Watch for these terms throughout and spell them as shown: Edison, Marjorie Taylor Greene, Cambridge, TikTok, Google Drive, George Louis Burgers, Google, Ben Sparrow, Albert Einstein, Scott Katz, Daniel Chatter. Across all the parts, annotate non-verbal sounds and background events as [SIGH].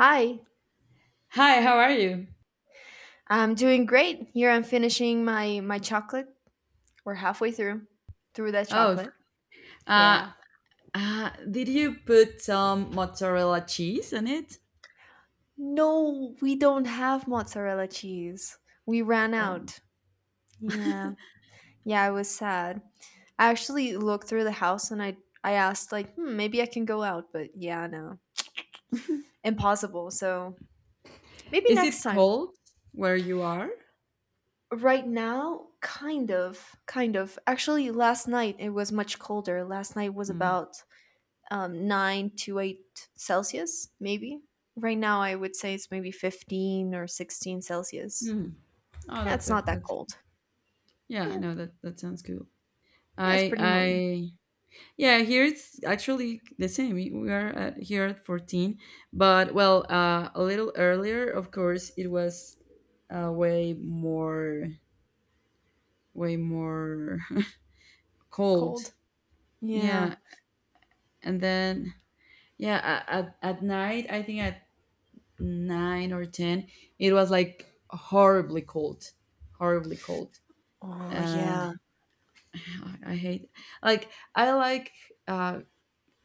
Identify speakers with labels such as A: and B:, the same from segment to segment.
A: Hi,
B: Hi, how are you?
A: I'm doing great. Here I'm finishing my chocolate. We're halfway through that
B: Oh,
A: chocolate.
B: uh,
A: Yeah.
B: did you put some mozzarella cheese in it?
A: No, we don't have mozzarella cheese. We ran
B: Oh.
A: out. Yeah. Yeah, I was sad. I actually looked through the house and I asked, like, "Hmm, maybe I can go out." But yeah, no. Impossible. So, maybe
B: Is
A: next
B: it
A: time.
B: cold where you are?
A: Right now, kind of, kind of. Actually, last night it was much colder. Last night was
B: Mm.
A: about 9 to 8 Celsius, maybe. Right now, I would say it's maybe 15 or 16 Celsius.
B: Mm. Oh,
A: Yeah,
B: that's
A: it's
B: a
A: not that cold.
B: yeah.
A: Yeah,
B: No, that sounds cool.
A: yeah, it's pretty normal.
B: I yeah. Here it's actually the same. We are at, here at 14, but, well, a little earlier, of course, it was way more way more [LAUGHS] cold.
A: Cold. Yeah.
B: Yeah, and then, yeah, at night, I think at 9 or 10, it was like horribly cold, horribly cold.
A: Oh,
B: And
A: yeah.
B: [SIGHS] I hate, like, uh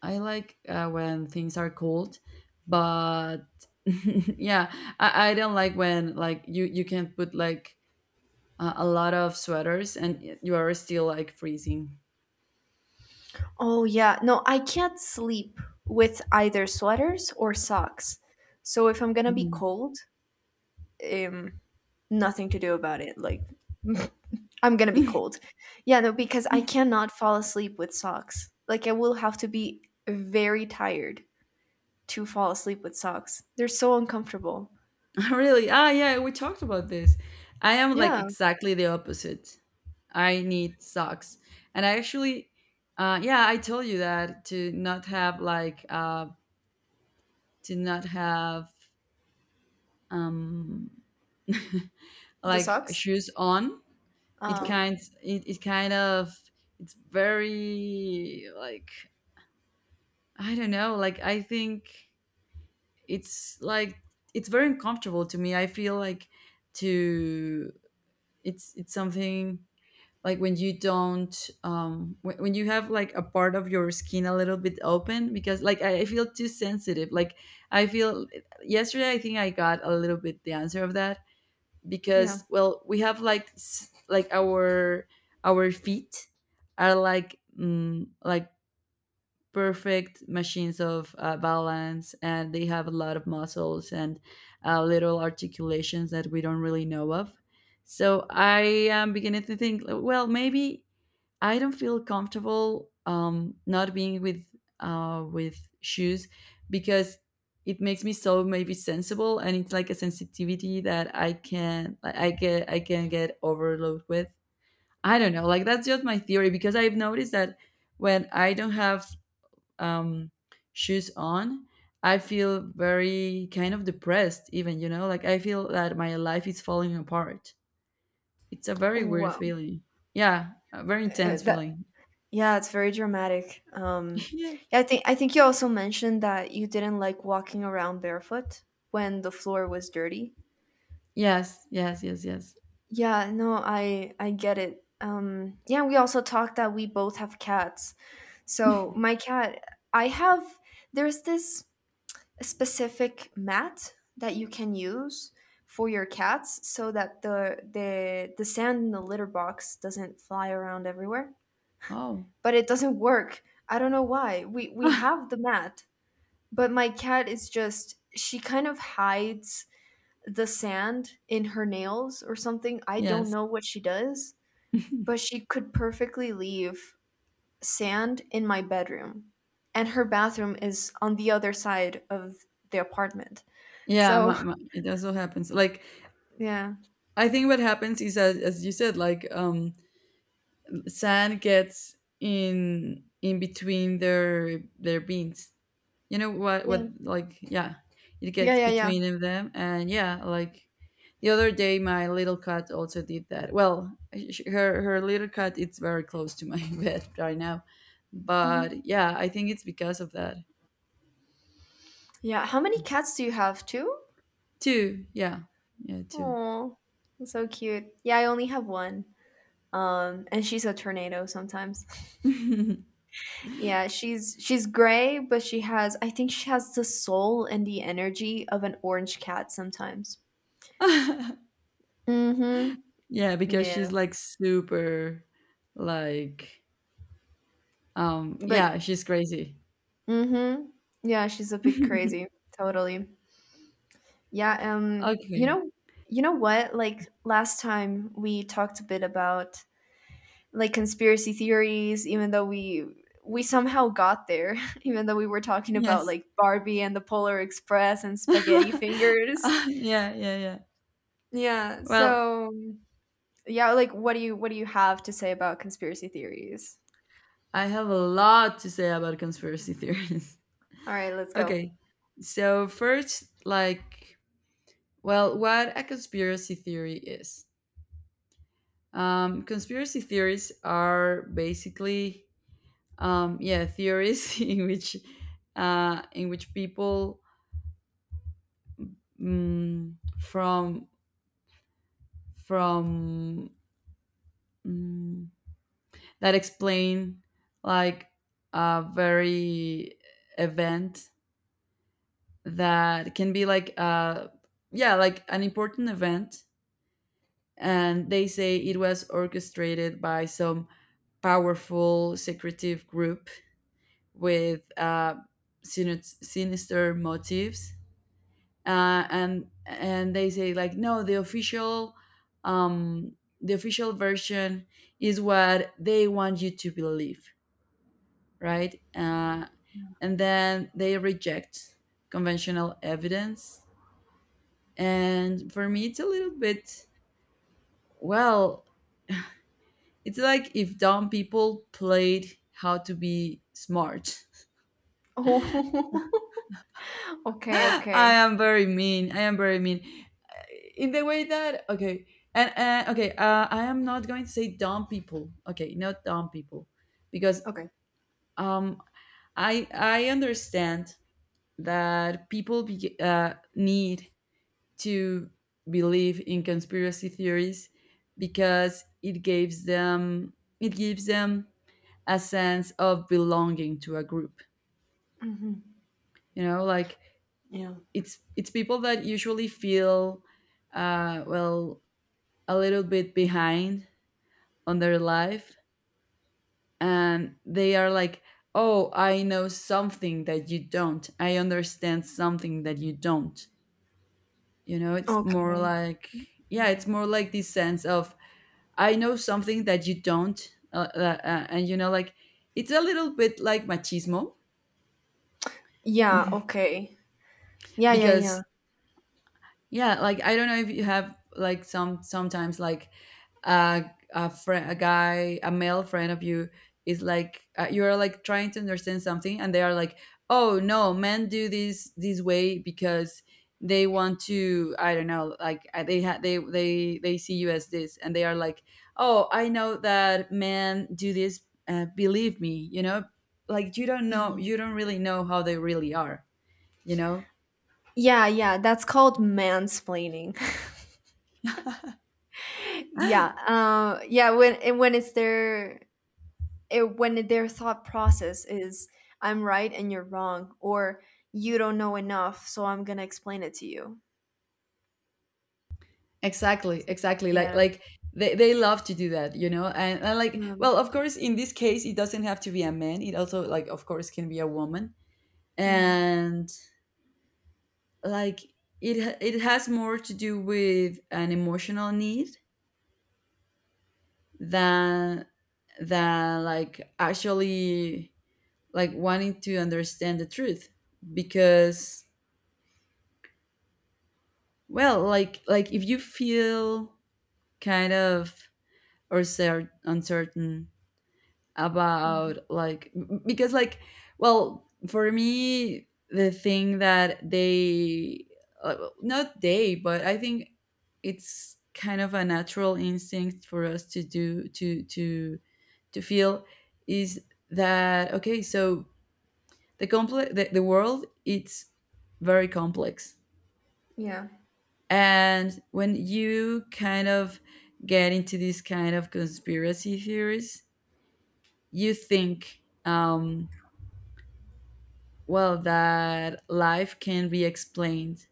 B: I like, when things are cold, but [LAUGHS] yeah, I don't like when, like, you can put, like, a lot of sweaters and you are still like freezing.
A: Oh, yeah. No, I can't sleep with either sweaters or socks. So if I'm gonna be
B: Mhm.
A: cold, um, nothing to do about it. Like, [LAUGHS] I'm gonna be
B: [LAUGHS]
A: cold. Yeah, no, because I cannot fall asleep with socks. Like, I will have to be very tired to fall asleep with socks. They're so uncomfortable.
B: [LAUGHS] Really? Ah, yeah, we talked about this. I am, like,
A: Yeah,
B: exactly the opposite. I need socks. And I actually, yeah, I told you that, to not have like, to not have, um, [LAUGHS]
A: the
B: like
A: socks.
B: shoes on.
A: Um,
B: It kind of, it's very like, I don't know, like, I think it's like, it's very uncomfortable to me. I feel like, to, it's something like when you don't, when you have, like, a part of your skin a little bit open, because, like, I feel too sensitive. Like, I feel yesterday I think I got a little bit the answer of that,
A: yeah.
B: because, well, we have like, like, our feet are like, like, perfect machines of, balance, and they have a lot of muscles and, little articulations that we don't really know of. So I am beginning to think, well, maybe I don't feel comfortable, not being with, with shoes, because it makes me so maybe sensible, and it's like a sensitivity that I can, like, I can get overloaded with. I don't know, like, that's just my theory, because I've noticed that when I don't have, um, shoes on, I feel very kind of depressed. Even like, I feel that my life is falling apart. It's a very weird
A: Wow.
B: feeling. Yeah, a very intense
A: That
B: feeling.
A: Yeah, it's very dramatic.
B: [LAUGHS]
A: Yeah, I think you also mentioned that you didn't like walking around barefoot when the floor was dirty.
B: Yes, yes, yes, yes.
A: Yeah, no, I get it. Yeah, we also talked that we both have cats. So my cat, I have. There's this specific mat that you can use for your cats so that the sand in the litter box doesn't fly around everywhere,
B: Oh,
A: but it doesn't work. I don't know why we
B: [LAUGHS]
A: have the mat. But my cat is just, she kind of hides the sand in her nails or something. I don't
B: yes.
A: know what she does, but she could perfectly leave sand in my bedroom, and her bathroom is on the other side of the apartment.
B: Yeah,
A: So
B: it also happens. Like,
A: yeah.
B: I think what happens is, as you said, like, sand gets in between their beans. You know what?
A: Yeah.
B: Like, yeah, it
A: Yeah,
B: gets
A: yeah, yeah.
B: between of them, and, yeah, like the other day, my little cat also did that. Well, her little cat, it's very close to my [LAUGHS] bed right now,
A: Mhm.
B: but yeah, I think it's because of that
A: Yeah. How many cats do you have? Two?
B: too. Yeah, yeah, too.
A: Oh, so cute. Yeah, I only have one. And she's a tornado sometimes. [LAUGHS]
B: [LAUGHS]
A: Yeah, she's gray, but she has, I think, she has the soul and the energy of an orange cat sometimes. Mm-hmm.
B: Yeah, because she's
A: Yeah.
B: like super, like,
A: Like,
B: yeah, she's crazy.
A: mm-hmm. Yeah, she's a bit crazy.
B: [LAUGHS]
A: Totally. Yeah, you
B: Okay.
A: know, you know what? Like last time we talked a bit about, like, conspiracy theories, even though we somehow got there, [LAUGHS] even though we were talking about,
B: Yes.
A: like, Barbie and the Polar Express and spaghetti
B: [LAUGHS]
A: fingers.
B: Yeah, yeah, yeah.
A: Yeah.
B: Well,
A: So yeah, like, what do you have to say about conspiracy theories?
B: I have a lot to say about conspiracy theories.
A: All right, let's
B: [LAUGHS]
A: go.
B: Okay.
A: [LAUGHS]
B: So first, like, well, what a conspiracy theory is. Conspiracy theories are basically, yeah, theories [LAUGHS] in which, in which people, mm, from from, mm, that explain, like, a very event that can be like, yeah, like, an important event, and they say it was orchestrated by some powerful, secretive group, with, sinister, sinister motives, and they say, like, no, the official, um the official version is what they want you to believe, right. And then they reject conventional evidence, and for me it's a little bit, well, it's like if dumb people played how to be smart.
A: Oh,
B: [LAUGHS]
A: okay,
B: I
A: okay,
B: am very mean. I am very mean. In the way that, okay, and, okay, I am not going to say dumb people. Okay, not dumb people, because,
A: okay.
B: um I understand that people, need to believe in conspiracy theories, because it gives them, it gives them a sense of belonging to a group.
A: Hmm.
B: You know, like, it's people that usually feel, well, a little bit behind on their life, and they are like, oh, I know something that you don't, I understand something that you don't, you know, it's more
A: Okay.
B: like, yeah,
A: Yeah.
B: it's more like this sense of, I know something that you don't, and, you know, like, it's a little bit like machismo.
A: Yeah, okay. Yeah, yeah,
B: Because,
A: yeah.
B: yeah, like, I don't know if you have like, sometimes like, uh, a friend, a guy, a male friend of you is like, you are like trying to understand something, and they are like, "Oh, no, men do this way because they want to." I don't know, like, they ha- they see you as this, and they are like, "Oh, I know that men do this. Believe me, you know." Like, you don't know,
A: Mhm.
B: you don't really know how they really are, you know.
A: Yeah, yeah, that's called mansplaining. [LAUGHS] Yeah.
B: [LAUGHS]
A: Yeah, when and when it's their it, when their thought process is, "I'm right and you're wrong," or, "You don't know enough, so I'm gonna explain it to you."
B: Exactly,
A: So,
B: exactly,
A: yeah.
B: they love to do that, you know, and, like,
A: um,
B: well, of course, in this case, it doesn't have to be a man, it also, like, of course, can be a woman.
A: mhm,
B: And, like, it has more to do with an emotional need than like actually, like, wanting to understand the truth. Because, well, like, if you feel kind of, or, uncertain,
A: yeah,
B: about, like, because, like, well, for me the thing that they, not they, but I think, it's kind of a natural instinct for us to do, to feel, is that, okay, so the complex, the world, it's very complex.
A: yeah.
B: And when you kind of get into these kind of conspiracy theories, you think, well, that life can be explained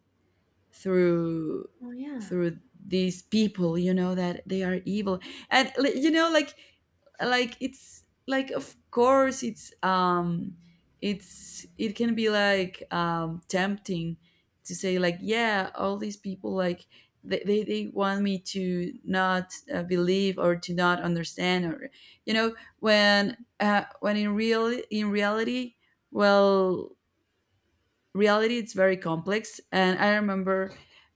B: through,
A: Oh, yeah,
B: these people, you know, that they are evil, and, like, it's like, of course it's, it's, it can be like, tempting, to say, like, yeah, all these people, like, they want me to not, believe, or to not understand, or, you know, when, when, in reality, well, reality it's very complex. And I remember,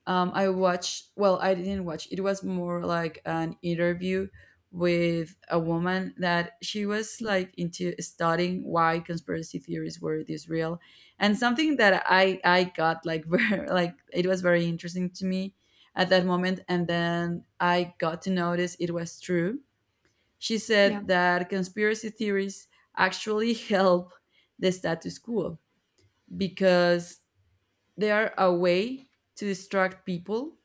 B: I watched, well, I didn't watch, it was more like an interview with a woman, that she was like into studying why conspiracy theories were this real, and something that I got, like, [LAUGHS] very like, it was very interesting to me at that moment, and then I got to notice it was true. She
A: yeah.
B: said that conspiracy theories actually [LAUGHS] help the status quo, because they are a way to distract people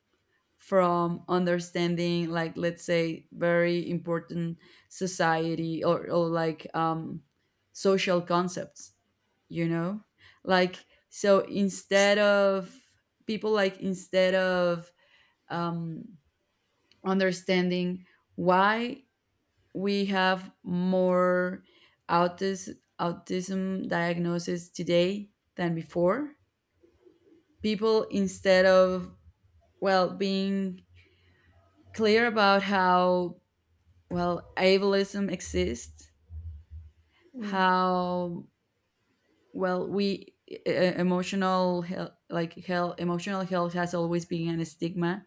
B: from understanding, like, let's say, very important society, or, like, social concepts, you know, like, so
A: S-
B: instead of, people like instead of, um understanding, why we have more autism diagnosis today than before, people, instead of, well, being clear about how, well, ableism exists,
A: yeah.
B: how, well, emotional health, like, health emotional health has always been a stigma,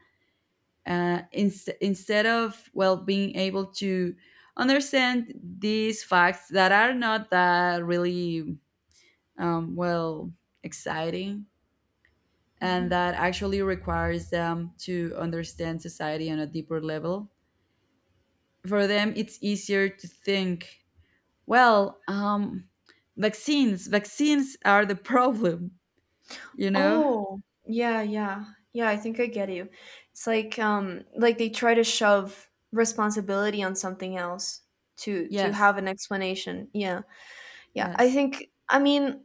B: instead of, well, being able to understand these facts that are not that really, well, exciting, and
A: Hmm.
B: that actually requires them to understand society on a deeper level. For them it's easier to think, well, vaccines are the [LAUGHS] problem, you know.
A: Oh, yeah, yeah, yeah. I think I get you. It's like, like, they try to shove responsibility on something else to
B: Yes.
A: have an explanation. Yeah, yeah. I
B: Yes.
A: think, I mean,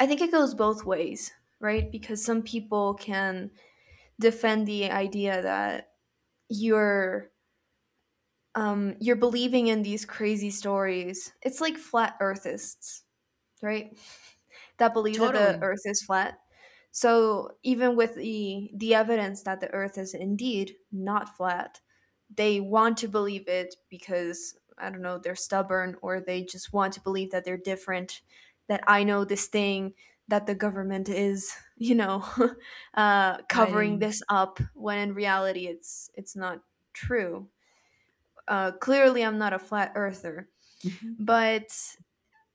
A: I think it goes both ways, right? Because some people can defend the idea that you're you're believing in these crazy stories. It's like flat earthists, right? That believe that the
B: Totally.
A: earth is flat. So even with the evidence that the earth is indeed not flat, they want to believe it because, I don't know, they're stubborn, or they just want to believe that they're different, that I know this thing that the government is, [LAUGHS] covering
B: Hiding.
A: this up, when in reality it's not true. Clearly, I'm not a flat earther,
B: [LAUGHS]
A: but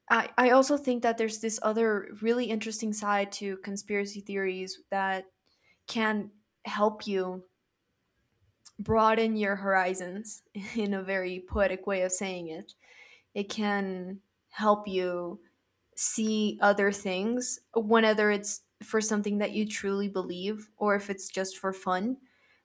A: I also think that there's this other really interesting side to conspiracy theories that can help you broaden your horizons [LAUGHS] in a very poetic way of saying it. It can help you see other things, whether it's for something that you truly believe or if it's just for fun.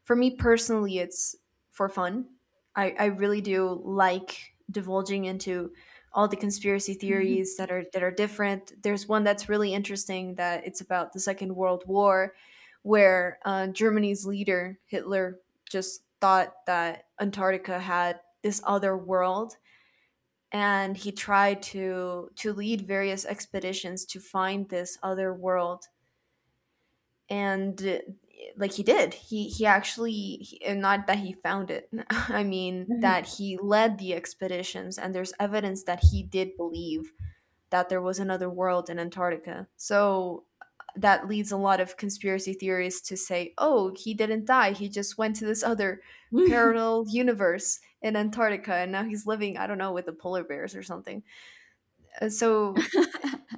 A: For me personally, it's for fun. I really do like divulging into all the conspiracy theories that are different. There's one that's really interesting that it's about the Second World War, where Germany's leader Hitler just thought that Antarctica had this other world, and he tried to lead various expeditions to find this other world, and like he did he actually he, and not that he found it, [LAUGHS] I mean, that he led the expeditions. And there's evidence that he did believe that there was another world in Antarctica. So that leads a lot of conspiracy theories to say, "Oh, he didn't die, he just went to this other parallel universe in Antarctica, and now he's living, I don't know, with the polar bears or something." So,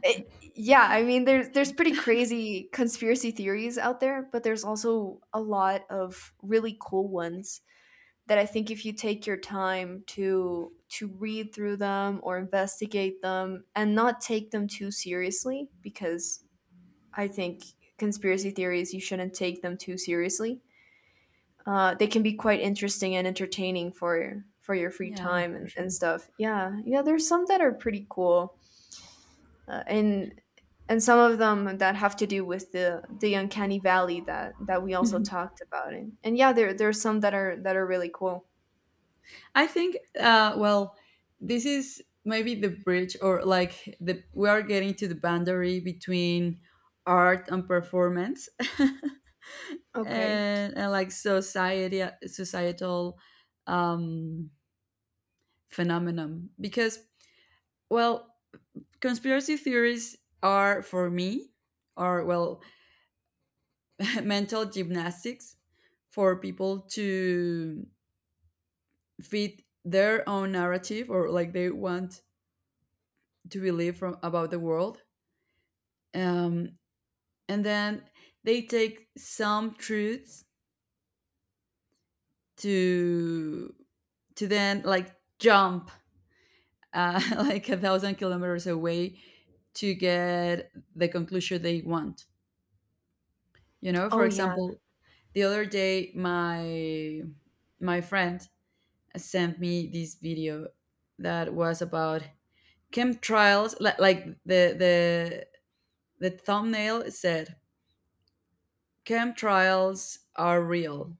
A: yeah, I mean, there's pretty crazy conspiracy theories out there, but there's also a lot of really cool ones that I think if you take your time to read through them or investigate them, and not take them too seriously, because I think conspiracy theories, you shouldn't take them too seriously. They can be quite interesting and entertaining for your free
B: Yeah,
A: time
B: for
A: and,
B: sure.
A: and
B: [LAUGHS]
A: stuff. Yeah, yeah, there's some that are pretty cool. Uh, and and some of them that have to do with the uncanny valley that we also
B: Mhm.
A: talked about, and yeah, there are some that are really cool.
B: I think, well, this is maybe the bridge, or like, the we are getting to the boundary between art and performance. [LAUGHS]
A: Okay.
B: And, like, society societal, um phenomenon, because, well, conspiracy theories are, for me, are well, [LAUGHS] mental gymnastics for people to fit their own narrative, or like they want to believe from about the world. Um, and then they take some truths to, then, like, jump, [LAUGHS] like 1,000 kilometers away to get the conclusion they want. You know, for
A: Oh, yeah.
B: example, the other day, my friend sent me this video that was about chemtrails, like, the thumbnail said chemtrails are real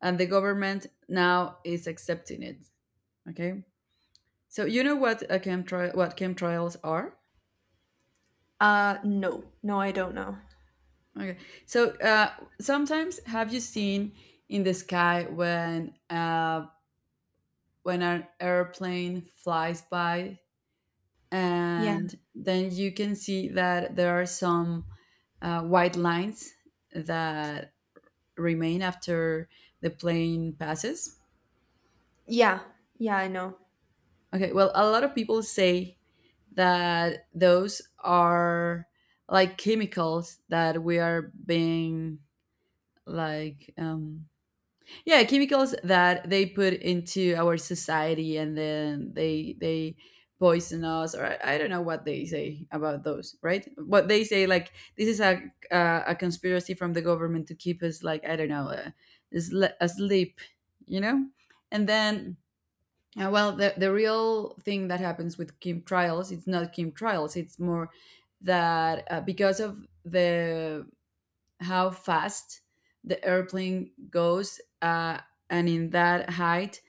B: and the government now is accepting it. Okay? So you know what a chemtrail, what chemtrails are?
A: No, no, I don't know.
B: Okay. So, sometimes, have you seen in the sky when a, when an airplane flies by,
A: Yeah,
B: and then you can see that there are some, white lines that remain after the plane passes.
A: yeah, yeah, I know.
B: Okay, well, a lot of people say that those are like chemicals that we are being, like, yeah, chemicals that they put into our society, and then they poison us. Or, I don't know what they say about those, right. What they say, like, this is a, a conspiracy from the government to keep us like, I don't know, asleep, you know. And then, well, the real thing that happens with chem trials, it's not chem trials, it's more that, because of the, how fast the airplane goes, and in that height,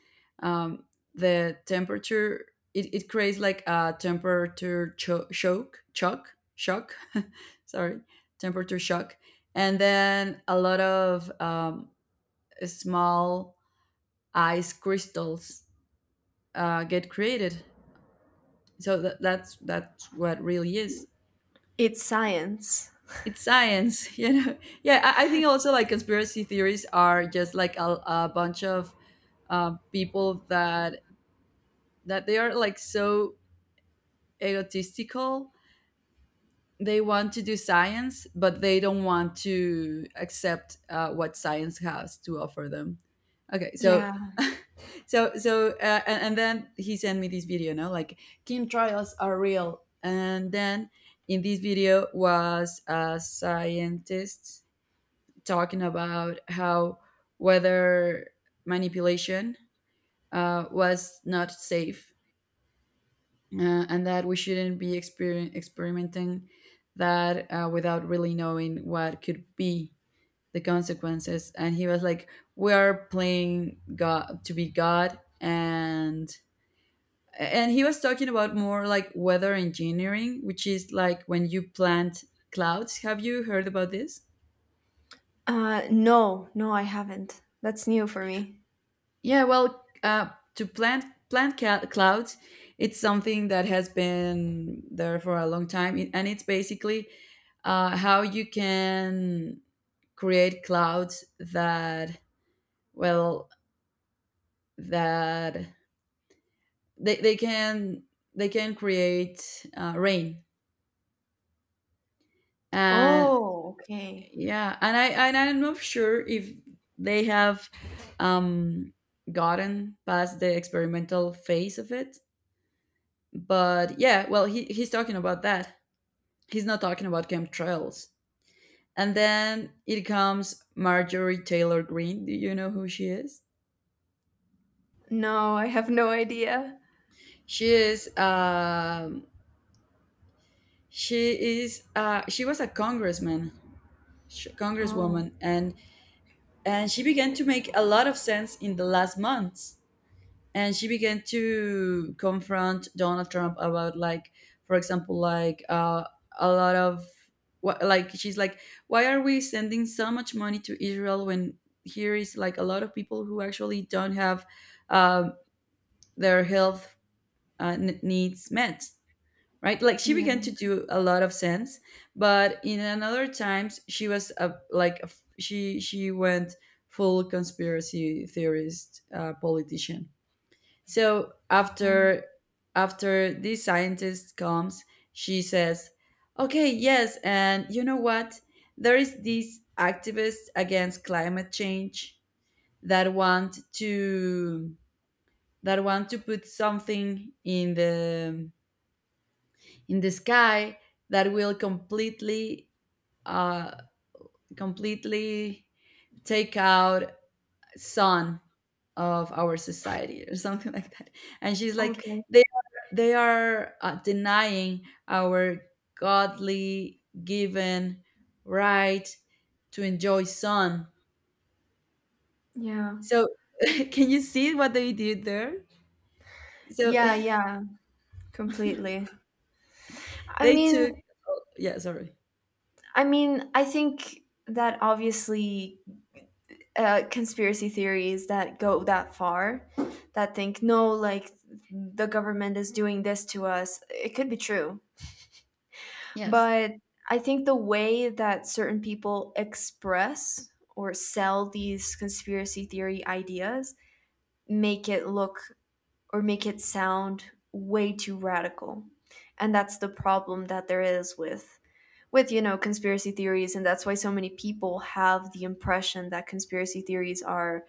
B: um, the temperature, it creates like a temperature shock, shock, shock. [LAUGHS] Sorry, temperature shock, and then a lot of small ice crystals get created. So that's what really is.
A: It's science.
B: It's science. [LAUGHS] Yeah, I think also like conspiracy theories are just like a bunch of people that they are like so egotistical. They want to do science, but they don't want to accept what science has to offer them. Okay, so
A: Yeah.
B: [LAUGHS] and then he sent me this video, no, like kim trials are real, and then in this video was a scientist talking about how whether manipulation was not safe, and that we shouldn't be experimenting, that without really knowing what could be the consequences. And he was like, "We are playing God to be God," and he was talking about more like weather engineering, which is like when you plant clouds. Have you heard about this?
A: No, no, I haven't. That's new for me.
B: Yeah, well, to plant clouds, it's something that has been there for a long time. And it's basically how you can create clouds that, well, that they can they can create rain, and
A: Oh, okay.
B: yeah, and I'm not sure if they have um, gotten past the experimental phase of it. But yeah, well, he's talking about that. He's not talking about chemtrails. And then it comes Marjorie Taylor Greene. Do you know who she is?
A: No, I have no idea.
B: She is. She is. She was a congressman,
A: Oh,
B: congresswoman, and she began to make a lot of sense in the last months, and she began to confront Donald Trump about, like, for example, like a lot of what, like she's like, why are we sending so much money to Israel when here is like a lot of people who actually don't have um, their health needs met, right? Like she
A: yeah.
B: began to do a lot of sense, but in another times she was a, like a f she went full conspiracy theorist politician. So
A: Mm.
B: after this scientist comes, she says, "Okay, yes, and you know what? There is these activists against climate change that want to put something in the sky that will completely uh completely take out son of our society," or [LAUGHS] something like that. And she's like,
A: Okay,
B: they are, denying our godly given right to enjoy sun.
A: yeah,
B: So [LAUGHS] can you see what they did there? So
A: yeah, yeah, completely.
B: [LAUGHS]
A: I
B: they took.
A: mean,
B: Yeah, sorry.
A: I think that obviously conspiracy theories that go that far, that think, no, like, the government is doing this to us, it could be true.
B: Yes.
A: But I think the way that certain people express or sell these conspiracy theory ideas make it look or make it sound way too radical. And that's the problem that there is with you know conspiracy theories, and that's why so many people have the impression that conspiracy theories are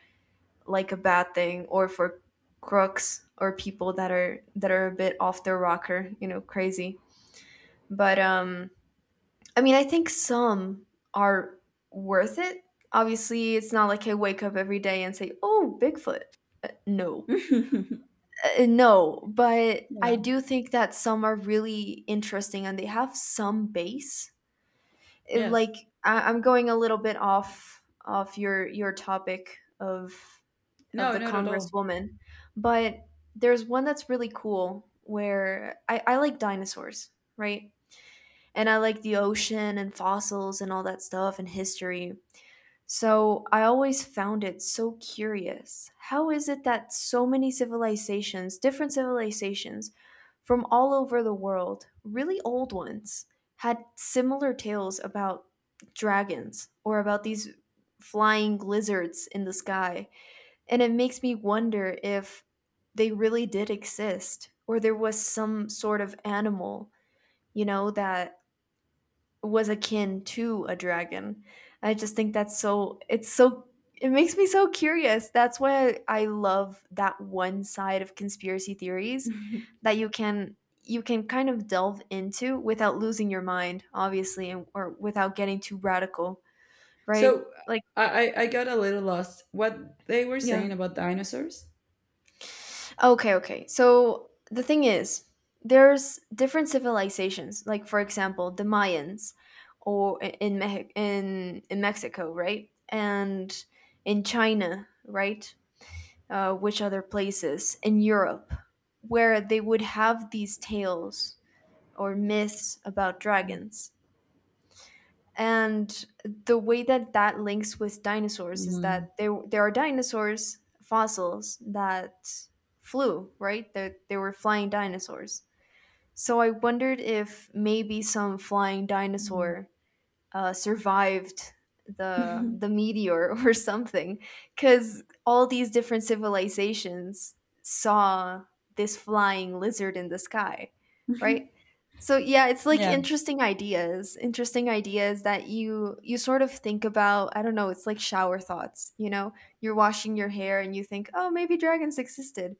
A: like a bad thing or for crooks or people that are a bit off their rocker, you know, crazy. But I mean, I think some are worth it. Obviously, it's not like I wake up every day and say, "Oh, Bigfoot." No.
B: [LAUGHS]
A: No, but I
B: Yeah.
A: do think that some are really interesting, and they have some base. It-
B: Yes.
A: like I'm going a little bit off your topic of
B: No,
A: the
B: not at all.
A: congresswoman, but there's one that's really cool where I like dinosaurs, right? And I like the ocean and fossils and all that stuff and history. So I always found it so curious. How is it that so many civilizations, different civilizations from all over the world, really old ones, had similar tales about dragons or about these flying lizards in the sky? And it makes me wonder if they really did exist, or there was some sort of animal, you know, that was akin to a dragon. I just think that's so, it's so, it makes me so curious. That's why I love that one side of conspiracy theories
B: [LAUGHS]
A: that you can kind of delve into without losing your mind, obviously, and, or without getting too radical, right?
B: So
A: Like,
B: I got a little lost what they were
A: yeah.
B: saying about dinosaurs.
A: Okay, okay. So the thing is, there's different civilizations. Like, for example, the Mayans, or in Mexico, right? And in China, right? Which other places in Europe where they would have these tales or myths about dragons? And the way that links with dinosaurs is that
B: Mm.
A: there are dinosaurs fossils that flew, right? That they were flying dinosaurs. So I wondered if maybe some flying
B: Mm.
A: dinosaur survived the
B: [LAUGHS]
A: meteor [LAUGHS] or something, because all these different civilizations saw this flying lizard in the sky, right? So yeah, it's like
B: Yeah.
A: interesting ideas, interesting ideas that you sort of think about. I don't know, it's like shower thoughts, you know, you're washing your hair and you think, "Oh, maybe dragons existed,"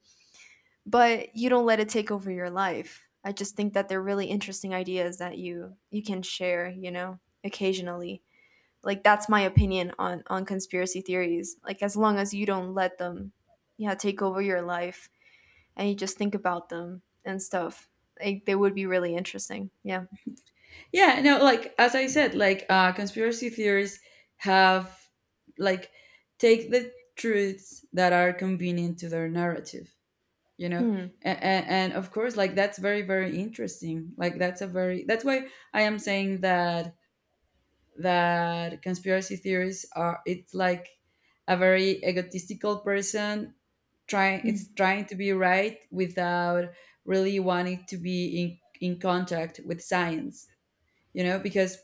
A: but you don't let it take over your life. I just think that they're really interesting ideas that you can share, you know, occasionally. Like, that's my opinion on conspiracy theories. Like, as long as you don't let them, yeah, take over your life, and you just think about them and stuff, like, they would be really interesting. Yeah.
B: Yeah. No, like as I said, like conspiracy theories have, like, take the truths that are convenient to their narrative, you know?
A: Hmm.
B: And, of course, like that's very, very interesting. Like that's a very that's why I am saying that conspiracy theories are, it's like a very egotistical person trying, it's
A: Hmm.
B: trying to be right without really wanting to be in contact with science, you know? Because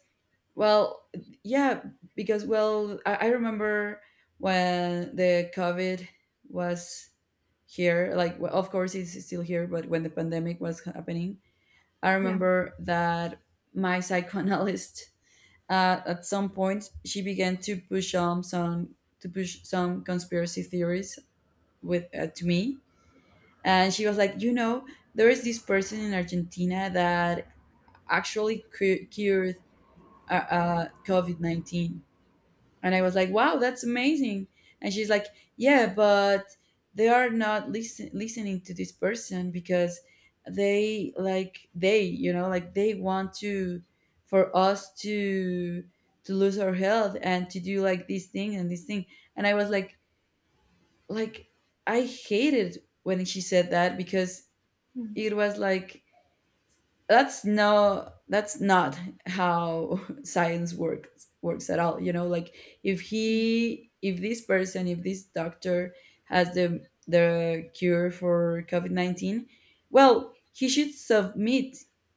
B: well, yeah, because, well, I remember when the COVID was here. Like, well, of course, it's still here, but when the pandemic was happening, I
A: Yeah.
B: remember that my [LAUGHS] psychoanalyst, at some point, she began to push on some to push some conspiracy theories with to me, and she was like, you know, there is this person in Argentina that actually cured COVID 19. And I was like, wow, that's amazing. And she's like, yeah, but they are not listening to this person because they like they, you know, like they want to for us to lose our health and to do like this thing. And I was like I hated when she said that because
A: Hmm.
B: it was like, that's no, that's not how [LAUGHS] science works at all, you know? Like if he, if this person, if this doctor has the cure for covid-19, well, he should submit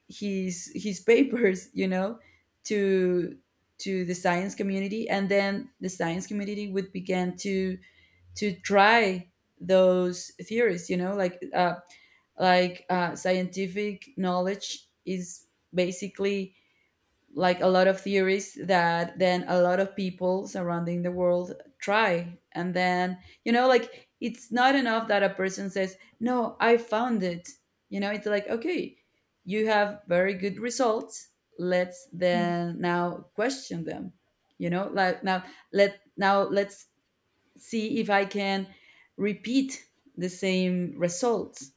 B: his [LAUGHS] papers, you know, to the science community, and then the science community would begin to try those theories, you know? Like scientific knowledge is basically like a lot of theories that then a lot of people surrounding the world try, and then, you know, like it's not enough that a person says, no, I found it, you know? It's like, okay, you have very good results, let's then now question them, you know? Like now let now let's see if I can repeat the same results.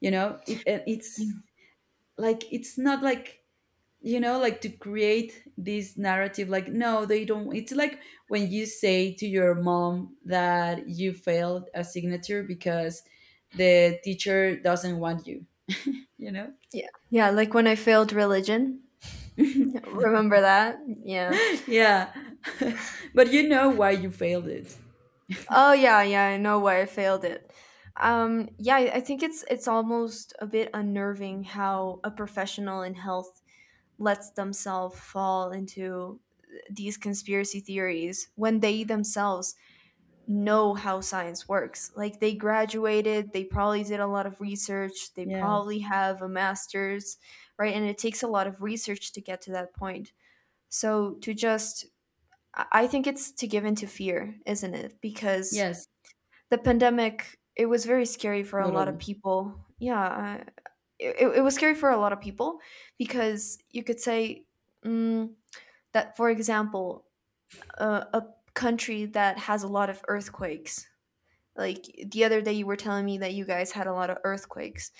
B: You know, it's
A: Yeah,
B: like, it's not like, you know, like to create this narrative, like, no, they don't. It's like when you say to your mom that you failed a signature because the teacher doesn't want you, you know?
A: yeah, yeah. Like when I failed religion,
B: [LAUGHS]
A: remember that? Yeah.
B: Yeah. [LAUGHS] But you know why you failed it.
A: Oh, yeah, yeah, I know why I failed it. Yeah, I think it's almost a bit unnerving how a professional in health lets themselves fall into these conspiracy theories when they themselves know how science works. Like they graduated, they probably did a lot of research, they
B: Yes.
A: probably have a master's, right? And it takes a lot of research to get to that point. So, to just, I think, it's to give into fear, isn't it? Because
B: Yes,
A: the pandemic, it was very scary for a lot of
B: totally.
A: people. Yeah, it was scary for a lot of people, because you could say, mm, that for example, a country that has a lot of earthquakes, like the other day you were telling me that you guys had a lot of earthquakes,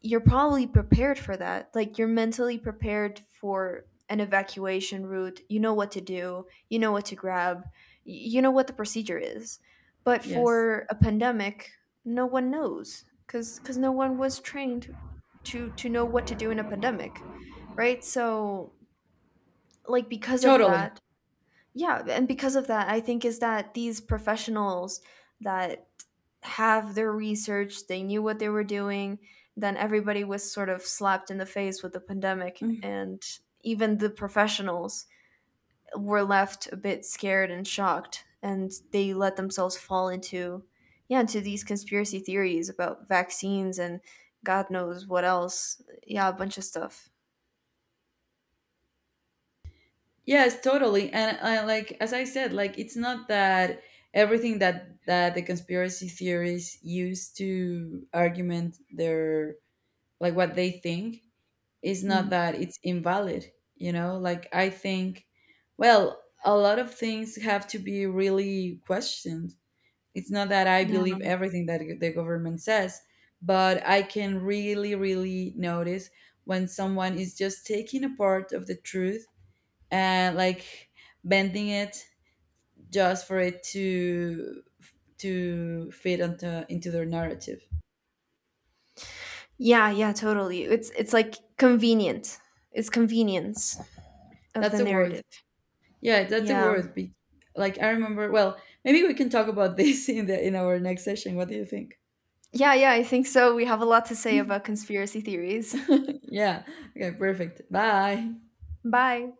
A: you're probably prepared for that. Like, you're mentally prepared for an evacuation route, you know what to do, you know what to grab, you know what the procedure is. But
B: Yes,
A: for a pandemic, no one knows, because no one was trained to know what to do in a pandemic, right? So, like, because of
B: totally.
A: that, yeah, and because of that, I think, is that these professionals that have their research, they knew what they were doing, then everybody was sort of slapped in the face with the pandemic,
B: Mm-hmm.
A: and even the professionals were left a bit scared and shocked, and they let themselves fall into, yeah, into these conspiracy theories about vaccines and God knows what else. Yeah, a bunch of stuff.
B: Yes, totally. And I, like as I said, like it's not that everything that the conspiracy theories use to argument their like what they think is not
A: Mm,
B: that it's invalid, you know? Like I think, well, a lot of things have to be really questioned. It's not that I
A: yeah.
B: believe everything that the government says, but I can really really notice when someone is just taking a part of the truth and like bending it just for it to fit onto into their narrative.
A: Yeah, yeah, totally. It's like convenient. It's convenience of the
B: That's a word.
A: narrative.
B: Yeah, that's a
A: Yeah.
B: word. Be- like I remember. Well, maybe we can talk about this [LAUGHS] in the in our next session. What do you think?
A: Yeah, yeah, I think so. We have a lot to say about
B: [LAUGHS]
A: conspiracy theories.
B: Yeah. Okay. Perfect. Bye.
A: [LAUGHS] Bye.